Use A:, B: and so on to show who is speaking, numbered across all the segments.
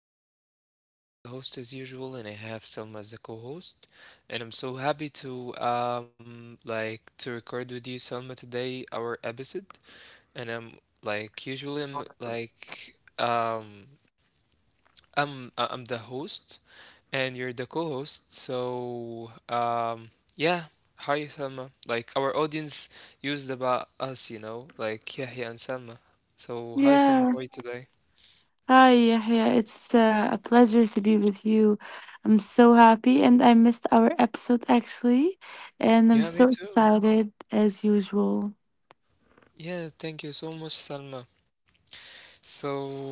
A: is Yahya today as a host as usual, and I have Selma as a co-host. And I'm so happy to to record with you, Selma, today our episode. And I'm like usually I'm like I'm I- I'm the host and you're the co-host. So yeah, hi Selma. Like our audience used about us, you know, like Yahya and Selma. So hi Selma,
B: Yeah.
A: how are you today?
B: Hi, Yahya. It's a pleasure to be with you. I'm so happy, and I missed our episode actually, and I'm
A: Yeah, me
B: so
A: too.
B: excited as usual.
A: Yeah, thank you so much, Salma. So,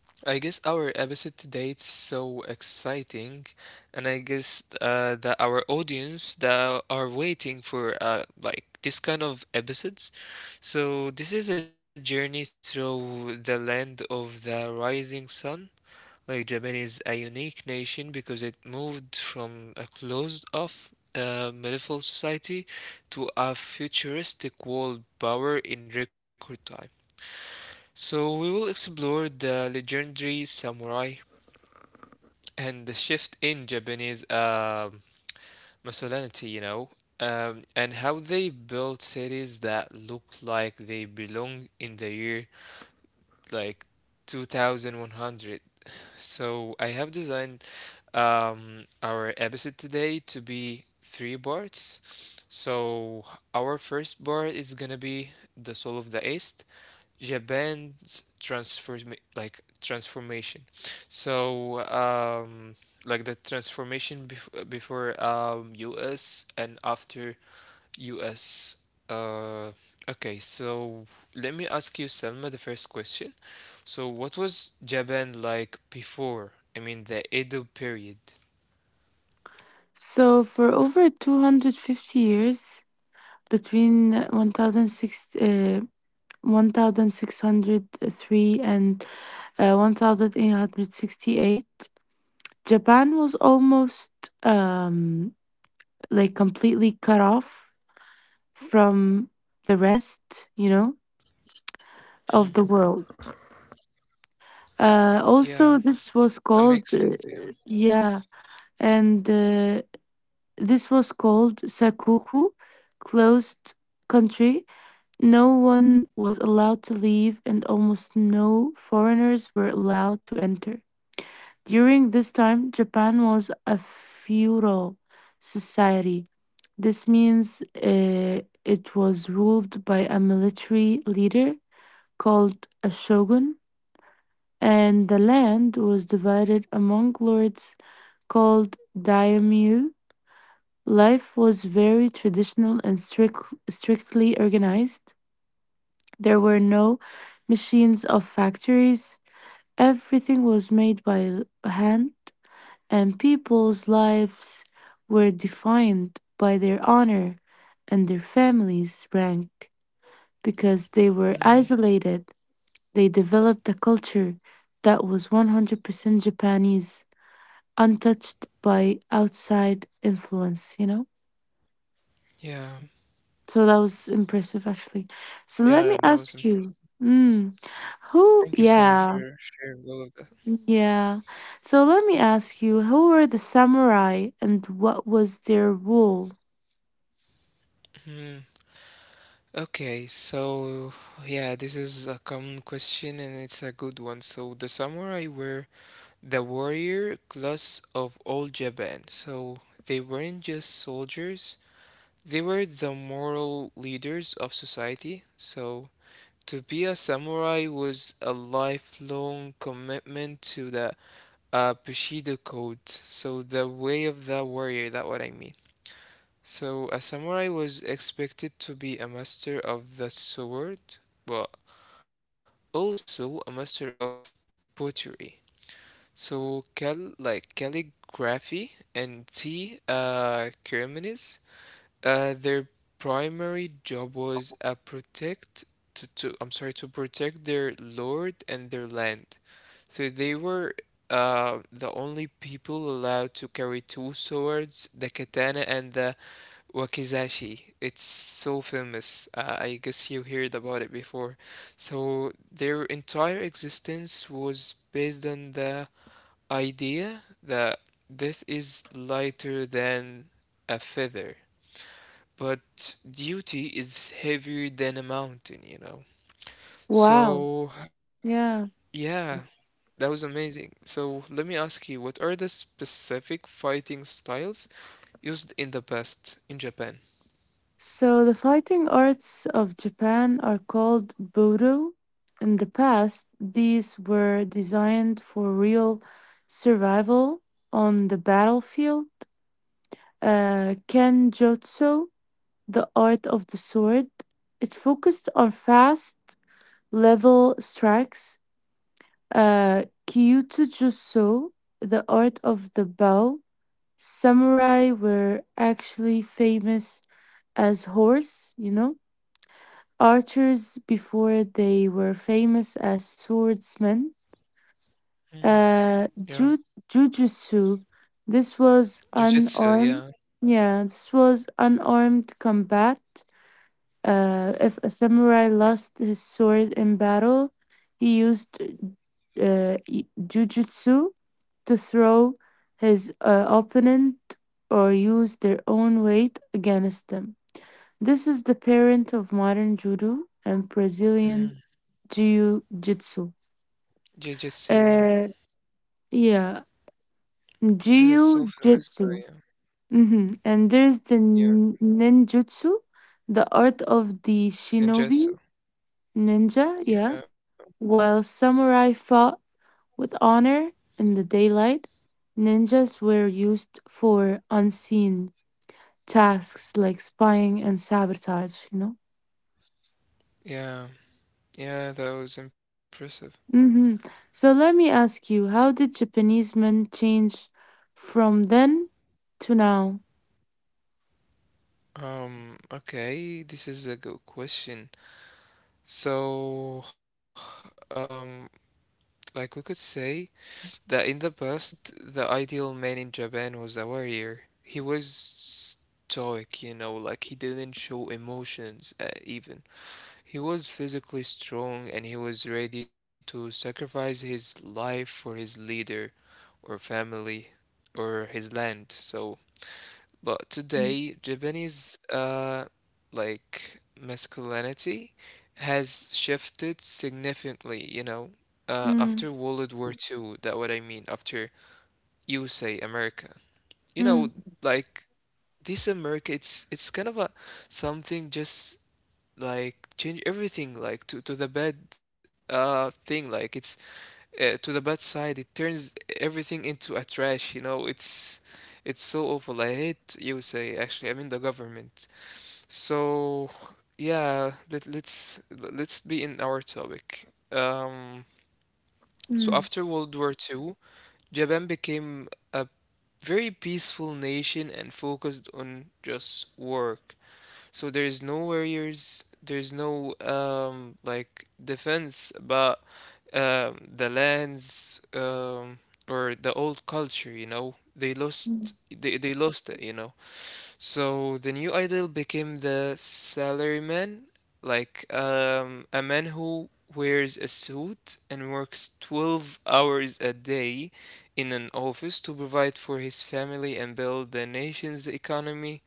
A: I guess our episode today is so exciting, and I guess that our audience that are waiting for this kind of episodes. So, this is a journey through the land of the rising sun. Like Japan is a unique nation because it moved from a closed-off medieval society to a futuristic world power in record time. So we will explore the legendary samurai and the shift in Japanese masculinity, you know, and how they built cities that look like they belong in the year like 2100. So I have designed our episode today to be three parts. So our first part is gonna be the soul of the East, Japan's transformation. So like the transformation before U.S. and after US. Uh, okay, so let me ask you, Selma, the first question. So, what was Japan like before? I mean, the Edo period.
B: So, for over 250 years, between 1006, 1603 and 1868, Japan was almost um, like completely cut off from the rest, you know,
A: Mm,
B: of the world.
A: yeah,
B: Also,
A: that
B: this was
A: makes sense.
B: called,
A: Yeah.
B: yeah, and this was called Sakuku, closed country. No one was allowed to leave, and almost no foreigners were allowed to enter. During this time, Japan was a feudal society. This means it was ruled by a military leader called a shogun, and the land was divided among lords called daimyo. Life was very traditional and strictly organized. There were no machines of factories. Everything was made by hand, and people's lives were defined by their honor and their families' rank because they were
A: Mm,
B: isolated. They developed a culture that was 100% Japanese, untouched by outside influence.
A: yeah.
B: So that was impressive, actually. So let
A: Yeah,
B: me
A: that was
B: ask
A: impressive.
B: you, mm, who,
A: Thank you, Selma,
B: Yeah,
A: for sharing all of that.
B: yeah. So let me ask you, who were the samurai and what was their role?
A: Mm. Okay, so yeah, this is a common question and it's a good one. So, the samurai were the warrior class of old Japan. So they weren't just soldiers, they were the moral leaders of society. So to be a samurai was a lifelong commitment to the Bushido code, so the way of the warrior, that what I mean. So a samurai was expected to be a master of the sword, but also a master of pottery. So calligraphy and tea ceremonies, their primary job was protect to I'm sorry to protect their lord and their land. So they were the only people allowed to carry two swords, the katana and the wakizashi. It's so famous. I guess you heard about it before. So their entire existence was based on the idea that death is lighter than a feather, but duty is heavier than a mountain, you know.
B: Wow.
A: So,
B: Yeah.
A: yeah, that was amazing. So, let me ask you, what are the specific fighting styles used in the best in Japan?
B: So the fighting arts of Japan are called Budo. In the past, these were designed for real survival on the battlefield. Kenjutsu, the art of the sword, it focused on fast, level strikes. Uh, Kyutsujutsu, the art of the bow. Samurai were actually famous as horse archers before they were famous as swordsmen.
A: Mm,
B: Uh,
A: yeah,
B: ju- Jujutsu. This was
A: Jiu-Jitsu,
B: unarmed.
A: yeah.
B: Yeah, this was unarmed combat. If a samurai lost his sword in battle, he used jujutsu to throw his opponent or use their own weight against them. This is the parent of modern judo and Brazilian
A: Mm,
B: jiu-jitsu.
A: Jiu-Jitsu,
B: Uh,
A: yeah.
B: yeah,
A: This is so famous
B: jiu-jitsu.
A: now, yeah.
B: And there's the
A: Yeah,
B: ninjutsu, the art of the
A: and
B: shinobi
A: Jitsu.
B: ninja. Yeah,
A: Yeah,
B: while samurai fought with honor in the daylight, ninjas were used for unseen tasks like spying and sabotage. You know.
A: yeah, yeah, that was impressive.
B: hmm So let me ask you, how did Japanese men change from then to now?
A: Okay, this is a good question. So, um, like we could say that in the past, the ideal man in Japan was a warrior. He was stoic, you know, like he didn't show emotions, even. He was physically strong and he was ready to sacrifice his life for his leader or family or his land. But today, Japanese like masculinity has shifted significantly, you know,
B: Mm.
A: after World War Two. That what I mean, after USA America. You know,
B: Mm,
A: like this America, it's kind of a something just like change everything like to the bad thing like it's to the bad side. It turns everything into a trash, you know. It's so awful. I hate USA actually. I mean the government. So yeah, let's be in our topic. Um, so
B: mm,
A: after World War Two, Japan became a very peaceful nation and focused on just work. So there is no warriors, there's no defense about the lands or the old culture, you know.
B: mm,
A: They lost it, you know. So the new idol became the salaryman, like a man who wears a suit and works 12 hours a day in an office to provide for his family and build the nation's economy.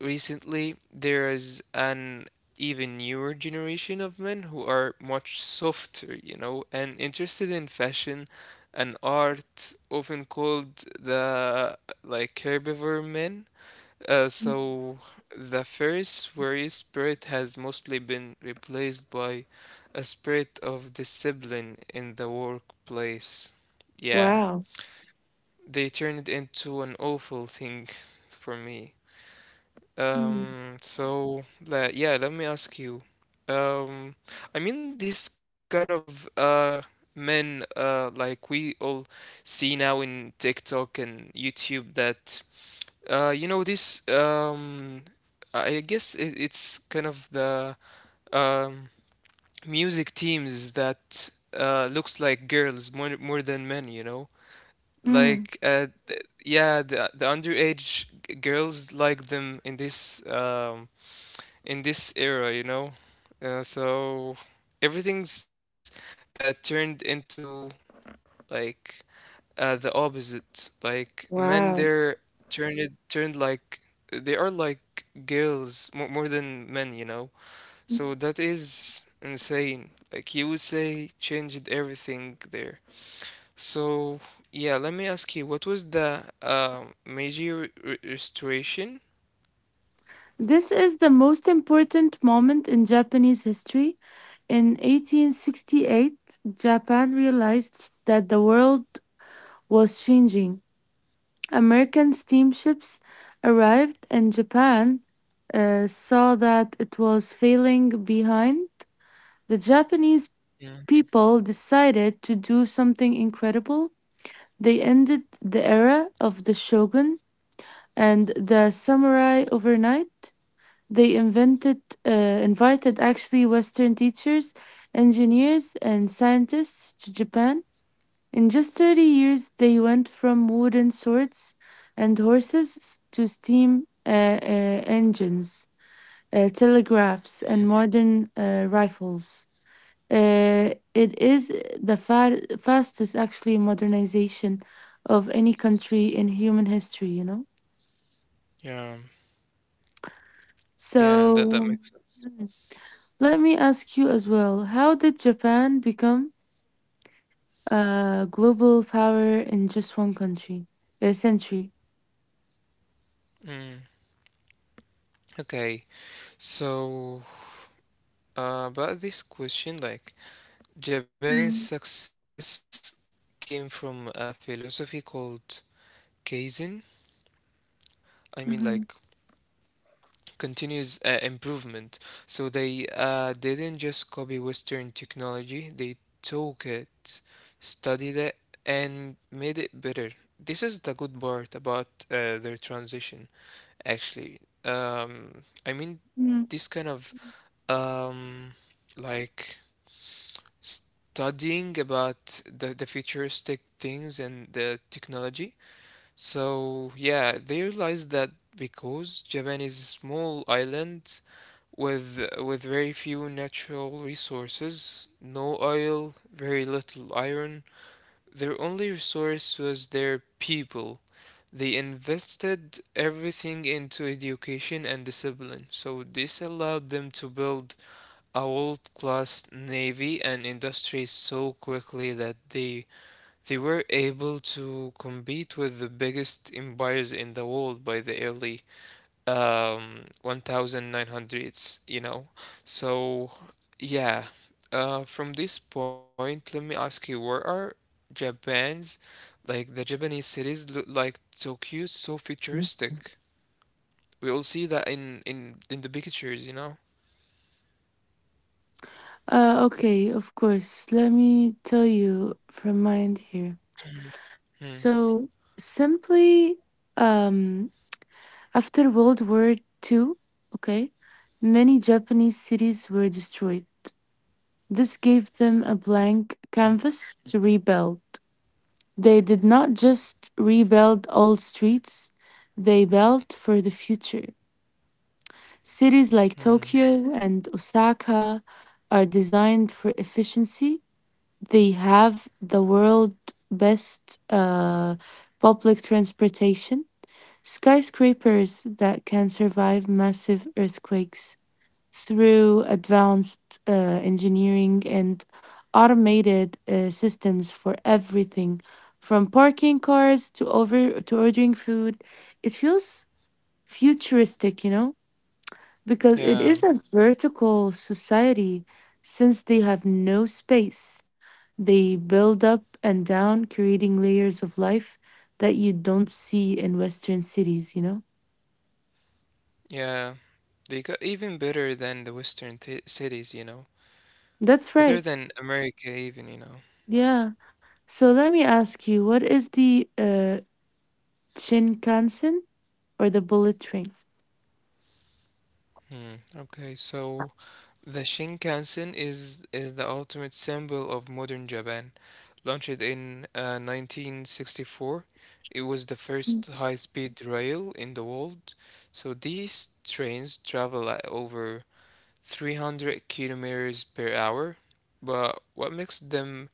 A: Recently there is an even newer generation of men who are much softer, you know, and interested in fashion and art, often called the herbivore men.
B: mm.
A: So the first warrior spirit has mostly been replaced by a spirit of discipline in the workplace. Yeah,
B: Wow.
A: they turned into an awful thing for me.
B: Mm,
A: Yeah, let me ask you. Um, I mean this kind of men like we all see now in TikTok and YouTube that you know this I guess it's kind of the um music teams that looks like girls more than men, you know?
B: mm,
A: Like th yeah, the underage girls like them in this era, you know? So everything's turned into like the opposite. Like men, they're
B: wow.
A: turned turned like they are like girls more than men, you know?
B: Mm.
A: So that is insane. Like you would say, changed everything there. So yeah, let me ask you, what was the major restoration?
B: This is the most important moment in Japanese history. In 1868, Japan realized that the world was changing. American steamships arrived, and Japan saw that it was failing behind. The Japanese
A: Mhm.
B: people decided to do something incredible. They ended the era of the shogun and the samurai overnight. They invited actually Western teachers, engineers, and scientists to Japan. In just 30 years, they went from wooden swords and horses to steam engines, telegraphs, and modern rifles. It is the fastest, actually, modernization of any country in human history.
A: Yeah, yeah, that
B: So,
A: that makes
B: mm,
A: sense.
B: let me ask you as well, how did Japan become a global power in just one country, a century?
A: Mm. Okay, so about this question, like Japan's
B: Mm,
A: success came from a philosophy called Kaizen. I mean, like
B: mhm,
A: continuous improvement. So they didn't just copy Western technology; they took it, studied it, and made it better. This is the good part about their transition, actually. I mean,
B: mm.
A: this kind of um, like studying about the futuristic things and the technology. So, yeah, they realized that because Japan is a small island with very few natural resources, no oil, very little iron, their only resource was their people. They invested everything into education and discipline. So this allowed them to build a world-class navy and industry so quickly that they were able to compete with the biggest empires in the world by the early 1900s, you know. So yeah, from this point let me ask you, where are Japan's like the Japanese cities look like Tokyo so futuristic? We all see that in the pictures, you know.
B: Okay, of course. Let me tell you from my end here.
A: Hmm,
B: So simply, um, After World War II, okay, many Japanese cities were destroyed. This gave them a blank canvas to rebuild. They did not just rebuild old streets, they built for the future. Cities like
A: hmm.
B: Tokyo and Osaka are designed for efficiency. They have the world's best public transportation, skyscrapers that can survive massive earthquakes through advanced engineering, and automated systems for everything from parking cars to over to ordering food. It feels futuristic, you know, because it
A: Yeah,
B: is a vertical society. Since they have no space, they build up and down, creating layers of life that you don't see in western cities.
A: yeah. They got even better than the Western t cities, you know.
B: That's
A: Better
B: right.
A: than America even, you know.
B: Yeah. So let me ask you, what is the Shinkansen or the bullet train?
A: Hmm. Okay, so the Shinkansen is the ultimate symbol of modern Japan. Launched in 1964, it was the first high-speed rail in the world. So these trains travel at over 300 kilometers per hour. But what makes them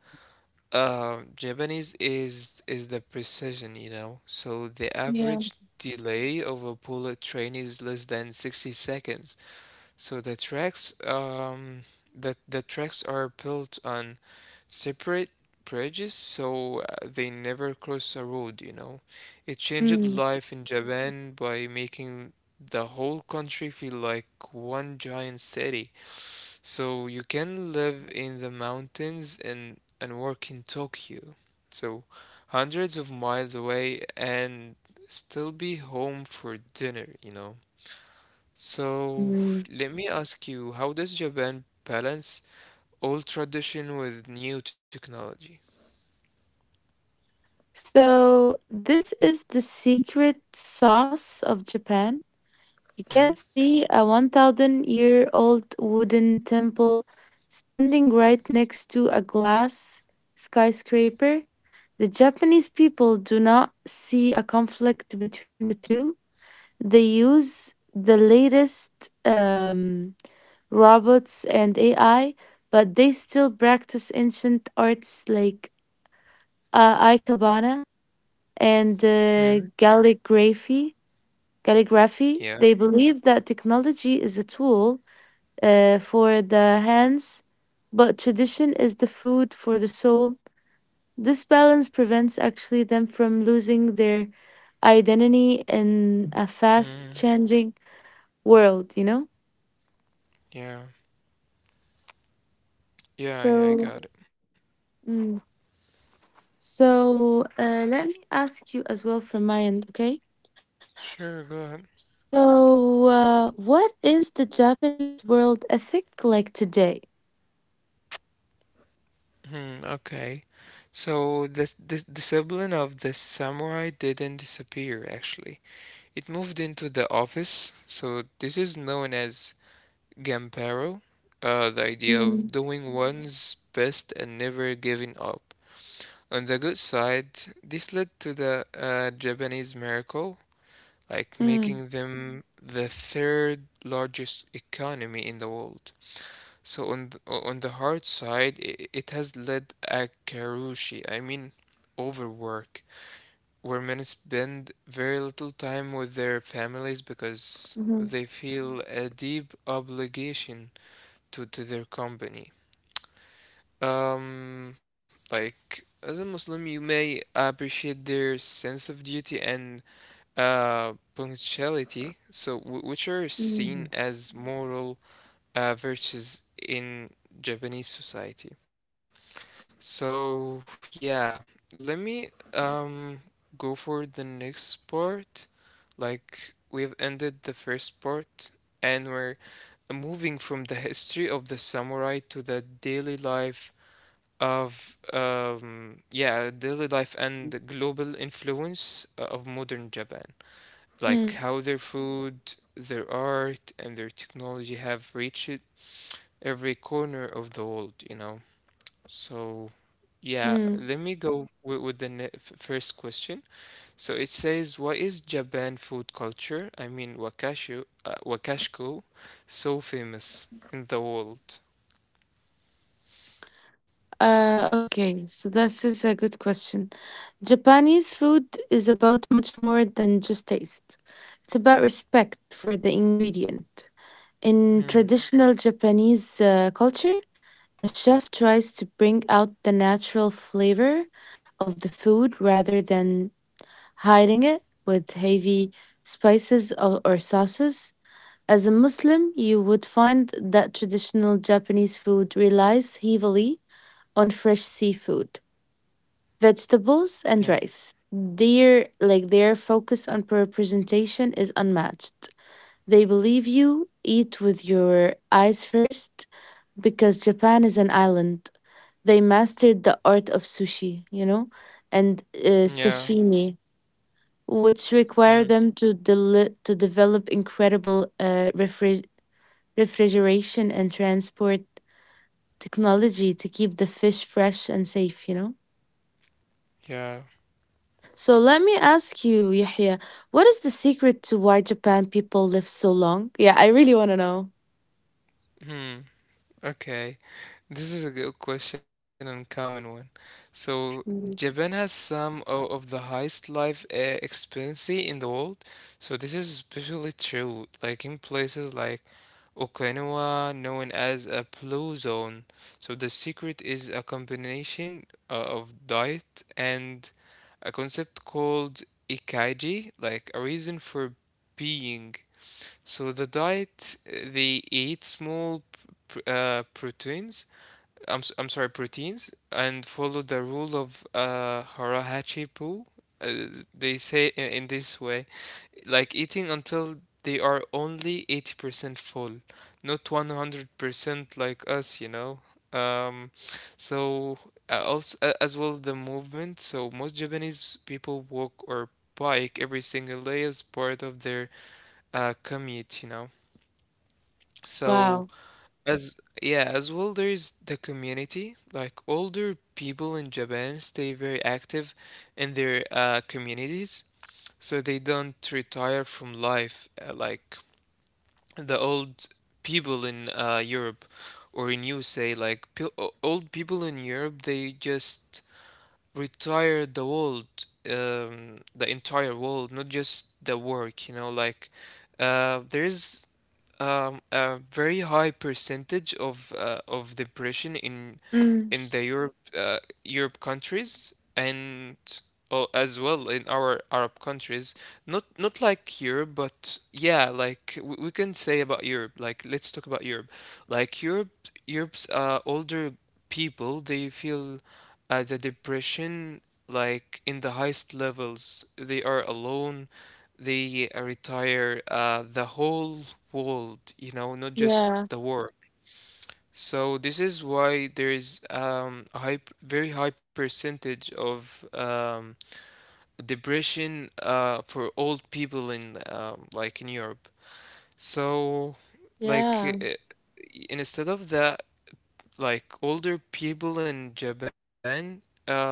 A: Japanese is the precision, you know. So the
B: Yeah.
A: average delay of a bullet train is less than 60 seconds. So the tracks are built on separate bridges, so they never cross a road, you know. It changed
B: Mm,
A: life in Japan by making the whole country feel like one giant city. So you can live in the mountains and work in Tokyo. So hundreds of miles away and still be home for dinner, you know. So
B: mm.
A: let me ask you, how does Japan balance old tradition with new technology?
B: So this is the secret sauce of Japan. You can
A: Hmm?
B: see a 1000 year old wooden temple standing right next to a glass skyscraper. The Japanese people do not see a conflict between the two. They use the latest robots and AI, but they still practice ancient arts like ikebana and
A: Hmm?
B: calligraphy.
A: Yeah.
B: They believe that technology is a tool for the hands, but tradition is the food for the soul. This balance prevents actually them from losing their identity in a fast
A: Hmm.
B: changing world.
A: Yeah. Yeah, yeah, I
B: So,
A: got it.
B: mm, so, let me ask you as well from my end, okay?
A: Sure, go ahead.
B: So, what is the Japanese world ethic like today?
A: Hmm, okay. So the discipline of the samurai didn't disappear actually. It moved into the office, so this is known as Gampero, the idea of
B: Mm,
A: doing one's best and never giving up. On the good side, this led to the Japanese miracle, like
B: mm,
A: making them the third largest economy in the world. So on the hard side, it has led a karushi, I mean overwork, where men spend very little time with their families because
B: mhm,
A: they feel a deep obligation to their company. Like as a Muslim, you may appreciate their sense of duty and uh, punctuality, so which are
B: mm,
A: seen as moral virtues in Japanese society. So yeah, let me go for the next part. Like, we've ended the first part and we're moving from the history of the samurai to the daily life of, daily life and the global influence of modern Japan. Like,
B: mm,
A: how their food, their art, and their technology have reached every corner of the world, you know? So, yeah,
B: mm.
A: let me go with the first question. So it says, "What is Japan food culture? I mean, wakashku, so famous in the world?"
B: Okay, so this is a good question. Japanese food is about much more than just taste. It's about respect for the ingredient. In
A: Hmm.
B: traditional Japanese culture, a chef tries to bring out the natural flavor of the food rather than hiding it with heavy spices or sauces. As a Muslim, you would find that traditional Japanese food relies heavily on fresh seafood, vegetables, and
A: Yeah.
B: rice. Their focus on representation is unmatched. They believe you eat with your eyes first because Japan is an island. They mastered the art of sushi, and
A: Yeah.
B: sashimi, which require
A: Hmm.
B: them to del to develop incredible refrigeration and transport technology to keep the fish fresh and safe.
A: Yeah.
B: So let me ask you, Yahya, what is the secret to why Japan people live so long? Yeah, I really want to know.
A: Hmm. Okay. This is a good question and common one. So
B: Mhm.
A: Japan has some of the highest life expectancy in the world. So this is especially true, like in places like Okinawa, known as a blue zone. So the secret is a combination of diet and a concept called ikaiji, like a reason for being. So the diet, they eat small proteins, I'm sorry, proteins, and follow the rule of Harahachipu. Uh, they say in this way, like eating until they are only 80% full, not 100% like us, you know. Um, so Also, as well the movement. So most Japanese people walk or bike every single day as part of their commute, you know. So
B: Wow.
A: as yeah, as well, there is the community. Like older people in Japan stay very active in their communities, so they don't retire from life, like the old people in Europe or in USA. Like old people in Europe, they just retire the world, the entire world, not just the work, like there is a very high percentage of of depression in
B: Mm,
A: in the Europe, Europe countries, and oh, as well in our Arab countries. Not like Europe, but yeah, like we can say about Europe. Like let's talk about Europe. Like Europe, Europe's older people, they feel the depression like in the highest levels. They are alone, they retire, the whole world, you know, not just
B: yeah.
A: the work. So this is why there is, a high, very high percentage of, depression for old people in, like in Europe. So like
B: Yeah.
A: instead of that, like older people in Japan, um,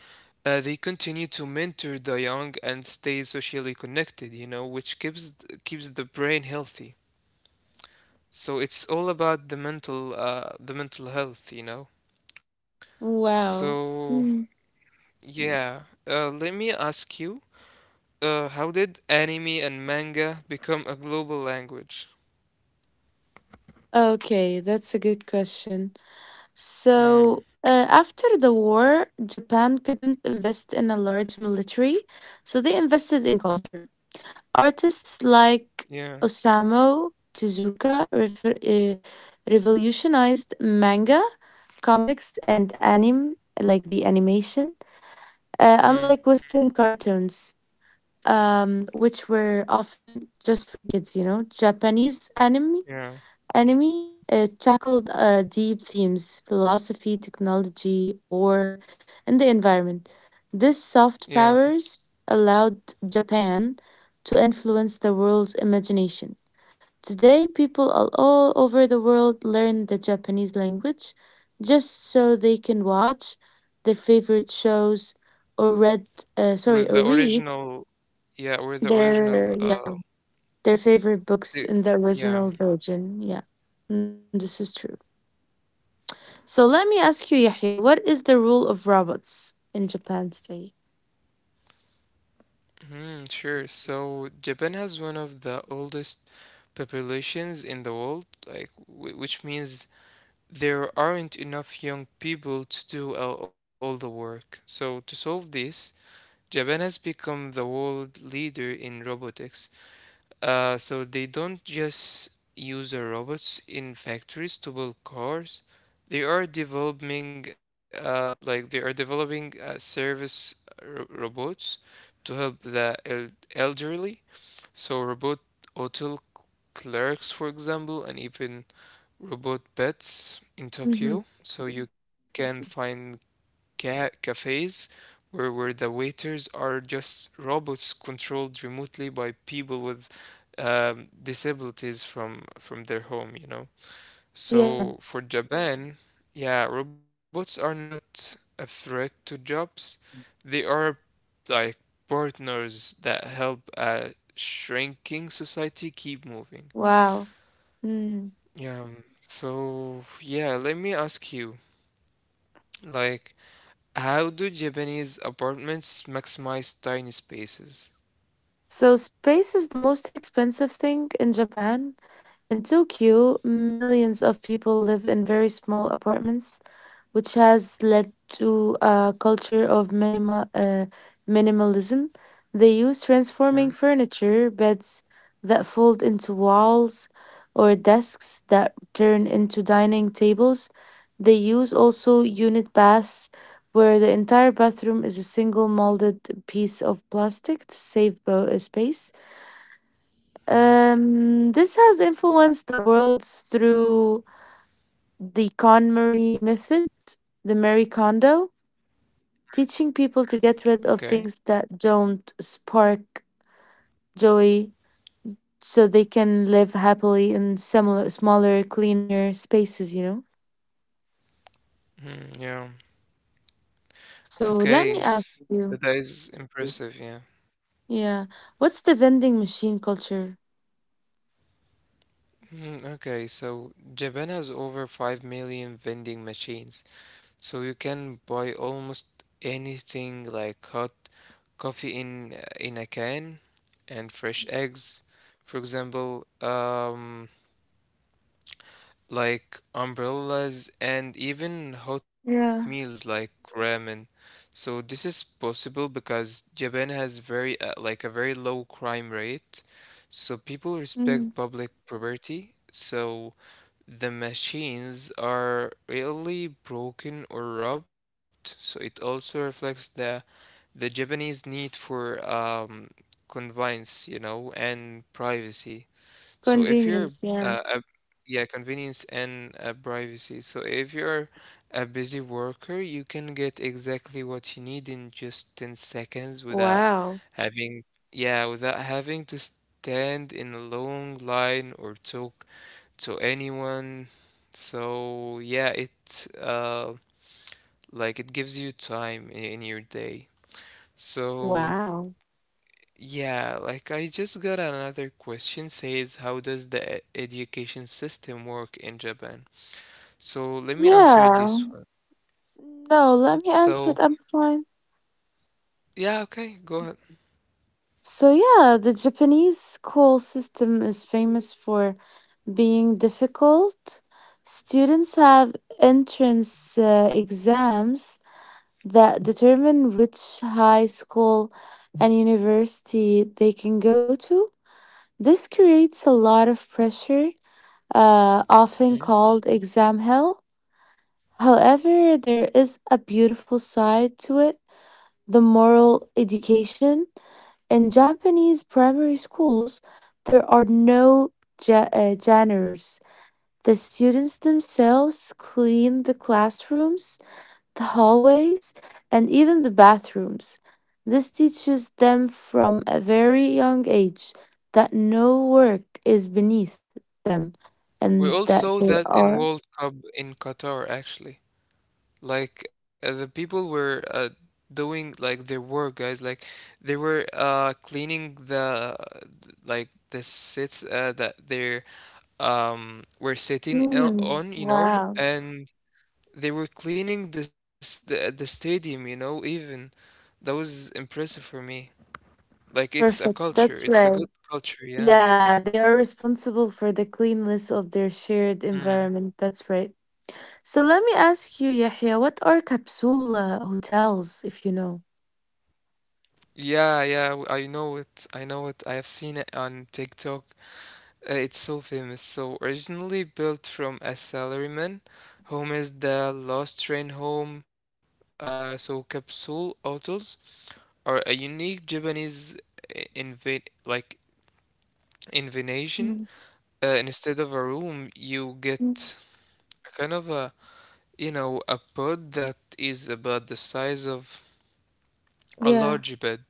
A: Uh, they continue to mentor the young and stay socially connected, you know, which keeps the brain healthy. So it's all about the mental, the mental health, you know.
B: Wow.
A: So
B: Mm.
A: yeah, let me ask you, how did anime and manga become a global language?
B: Okay, that's a good question.
A: Hmm.
B: So, after the war, Japan couldn't invest in a large military, so they invested in culture. Artists like
A: Yeah.
B: Osamu Tezuka revolutionized manga, comics, and anime, like the animation,
A: Hmm.
B: unlike Western cartoons, which were often just for kids. Japanese anime
A: Yeah.
B: Enemy tackled deep themes philosophy, technology, war, and the environment. This soft
A: Yeah.
B: powers allowed Japan to influence the world's imagination. Today, people all over the world learn the Japanese language just so they can watch their favorite shows or read,
A: With
B: or
A: the
B: read
A: original, yeah, with the original,
B: their yeah their favorite books
A: the,
B: in the
A: yeah.
B: original version. Yeah, and this is true. So let me ask you, Yahya, what is the rule of robots in Japan today?
A: Hmm, sure. So Japan has one of the oldest populations in the world, like w which means there aren't enough young people to do all the work. So to solve this, Japan has become the world leader in robotics. So they don't just use robots in factories to build cars. They are developing, service, robots to help the elderly. So robot hotel clerks, for example, and even robot pets in Tokyo.
B: Hmm.
A: So you can find cafes where the waiters are just robots controlled remotely by people with, disabilities from their home, you know. So
B: Yeah.
A: for Japan, yeah, robots are not a threat to jobs. They are like partners that help a shrinking society keep moving.
B: Wow. Mm.
A: Yeah. So let me ask you, like, how do Japanese apartments maximize tiny spaces?
B: So space is the most expensive thing in Japan. In Tokyo, millions of people live in very small apartments which has led to a culture of minimalism. They use transforming
A: Hmm.
B: furniture, beds that fold into walls, or desks that turn into dining tables. They use also unit baths, where the entire bathroom is a single molded piece of plastic to save space.
A: Hmm.
B: This has influenced the world through the KonMari method, the Marie Kondo teaching people to get rid of
A: Okay.
B: things that don't spark joy so they can live happily in similar smaller cleaner spaces you know
A: Hmm, yeah.
B: so let me
A: Okay.
B: ask you,
A: That is impressive. Yeah.
B: yeah, what's the vending machine culture?
A: Hmm, okay. So Japan has over 5 million vending machines. So you can buy almost anything, like hot coffee in a can, and fresh eggs, for example, like umbrellas, and even hot meals
B: Yeah.
A: like ramen. So this is possible because Japan has very, like a very low crime rate. So people respect
B: Mm.
A: public property. So the machines are rarely broken or robbed. So it also reflects the Japanese need for, convenience, you know, and privacy. So if you're
B: Convenience, yeah.
A: a yeah, convenience and, privacy. So if you're a busy worker, you can get exactly what you need in just 10 seconds without
B: Wow,
A: having, yeah, without having to stand in a long line or talk to anyone. So yeah, it, uh like it gives you time in your day. So
B: wow.
A: yeah, like I just got another question, says, how does the education system work in Japan? So let me answer
B: Yeah,
A: this one.
B: no, let me
A: So
B: answer it, I'm fine.
A: yeah, okay, go ahead.
B: So yeah, the Japanese school system is famous for being difficult. Students have entrance exams that determine which high school and university they can go to. This creates a lot of pressure, often
A: Mhm.
B: called exam hell. However, there is a beautiful side to it, the moral education. In Japanese primary schools, there are no genres. The students themselves clean the classrooms, the hallways, and even the bathrooms. This teaches them from a very young age that no work is beneath them and
A: We
B: that
A: all
B: they
A: saw
B: are.
A: that in World Cup in Qatar actually. Like the people were doing like their work, guys. Like they were cleaning the, like, the seats that they, were sitting
B: Hmm,
A: on, you know,
B: wow.
A: and they were cleaning this, the stadium, you know, even. That was impressive for me. Like, it's a
B: Perfect.
A: culture. It's a
B: That's
A: good
B: right.
A: culture, yeah.
B: Yeah, they are responsible for the cleanliness of their shared
A: Mm.
B: environment. That's right. So let me ask you, Yahya, what are capsule hotels, if you know?
A: Yeah, yeah, I know it. I know it. I have seen it on TikTok. It's so famous. So originally built from a salaryman, home is the lost train home. So capsule hotels are a unique Japanese I- inva like invention. Instead of a room, you
B: Mm,
A: get a kind of a, you know, a pod that is about the size of a
B: yeah.
A: large bed.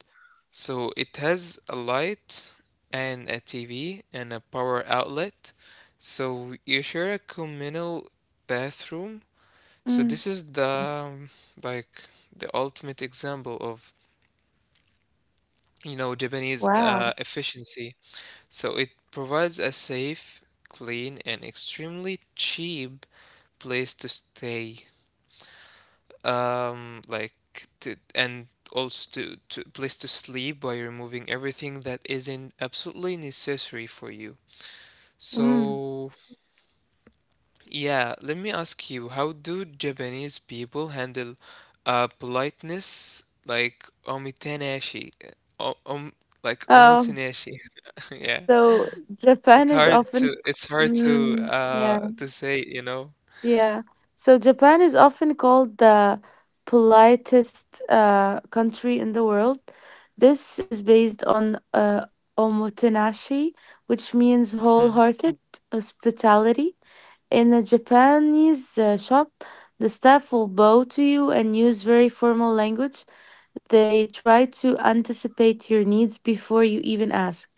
A: So it has a light and a TV and a power outlet. So you share a communal bathroom. So
B: Mm,
A: this is the, like, the ultimate example of, you know, Japanese,
B: wow.
A: efficiency. So it provides a safe, clean, and extremely cheap place to stay, like to, and also to place to sleep, by removing everything that isn't absolutely necessary for you.
B: Mm.
A: So yeah, let me ask you, how do Japanese people handle, politeness, like omitanashi, o- um
B: Um,
A: omotenashi. Yeah,
B: so Japan
A: it's
B: is
A: hard
B: often,
A: to, it's hard
B: yeah,
A: to say, you know.
B: yeah. So Japan is often called the politest country in the world. This is based on omotenashi, which means wholehearted hospitality. In a Japanese shop, the staff will bow to you and use very formal language. They try to anticipate your needs before you even ask.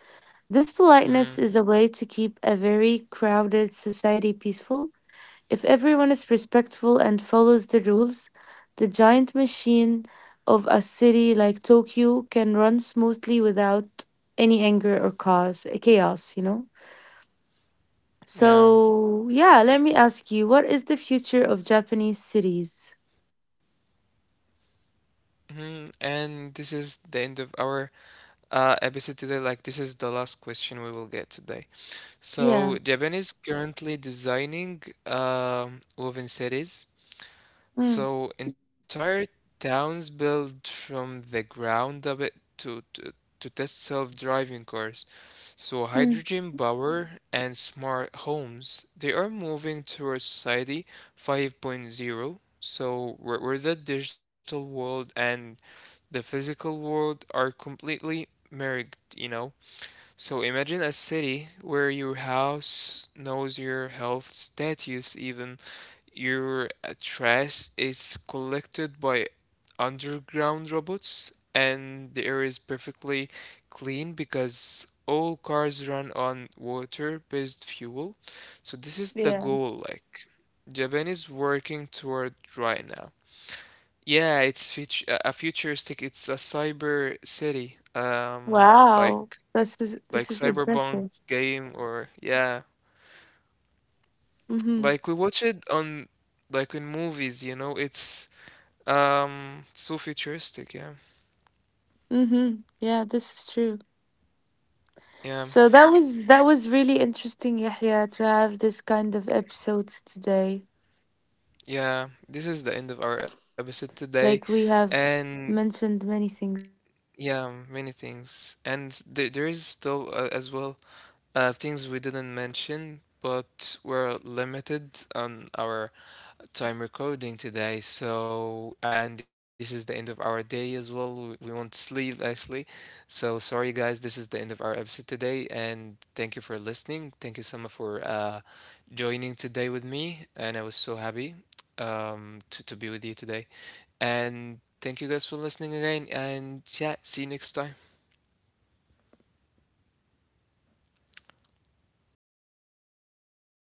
B: This politeness
A: Mm,
B: is a way to keep a very crowded society peaceful. If everyone is respectful and follows the rules, the giant machine of a city like Tokyo can run smoothly without any anger or cause chaos.
A: yeah.
B: So, yeah, let me ask you, what is the future of Japanese cities?
A: Mhm. And this is the end of our, ABC today, like, this is the last question we will get today.
B: Yeah.
A: So Japan is currently designing, woven cities.
B: Mm,
A: So entire towns built from the ground up, to, to to test self-driving cars. So
B: mm,
A: hydrogen power and smart homes, they are moving towards society 5.0. So where the digital world and the physical world are completely married, you know. So imagine a city where your house knows your health status, even your, trash is collected by underground robots, and the air is perfectly clean because all cars run on water-based fuel. So this is the
B: yeah.
A: goal, like Japan is working toward right now. Yeah, it's fut- a futuristic. It's a cyber city.
B: Wow.
A: Like
B: This is
A: like Cyberpunk
B: impressive.
A: game or, yeah,
B: Mm-hmm.
A: like we watch it on, like, in movies, you know, it's, so futuristic, yeah.
B: Mm-hmm. Yeah, this is true.
A: Yeah.
B: So that was really interesting, Yahya, to have this kind of episodes today.
A: Yeah, this is the end of our episode today,
B: Like we have
A: and
B: mentioned many things actually
A: yeah, many things. And there is still, as
B: regarding
A: well, things we
B: everything.
A: didn't mention, but we're
B: Um
A: limited on
B: Regarding
A: our
B: guys
A: time
B: like
A: recording
B: this
A: today.
B: wonderful
A: So, and this is the end of our day as
B: culture
A: well. We
B: of
A: won't sleep
B: Japan
A: actually. So, sorry guys, this
B: and
A: is the end of
B: all
A: our
B: of,
A: episode
B: of,
A: today.
B: of those
A: And thank you
B: details
A: for
B: are really
A: listening. Thank you,
B: impressive.
A: Sama, for, joining today with me. And I was so
B: So
A: happy,
B: I really enjoyed this
A: to be with you
B: episode with
A: today.
B: you, Yahya, and
A: And
B: with all
A: thank you
B: of
A: guys for
B: our
A: listening again.
B: audience.
A: And yeah, see you next time.
B: So I wish we will have future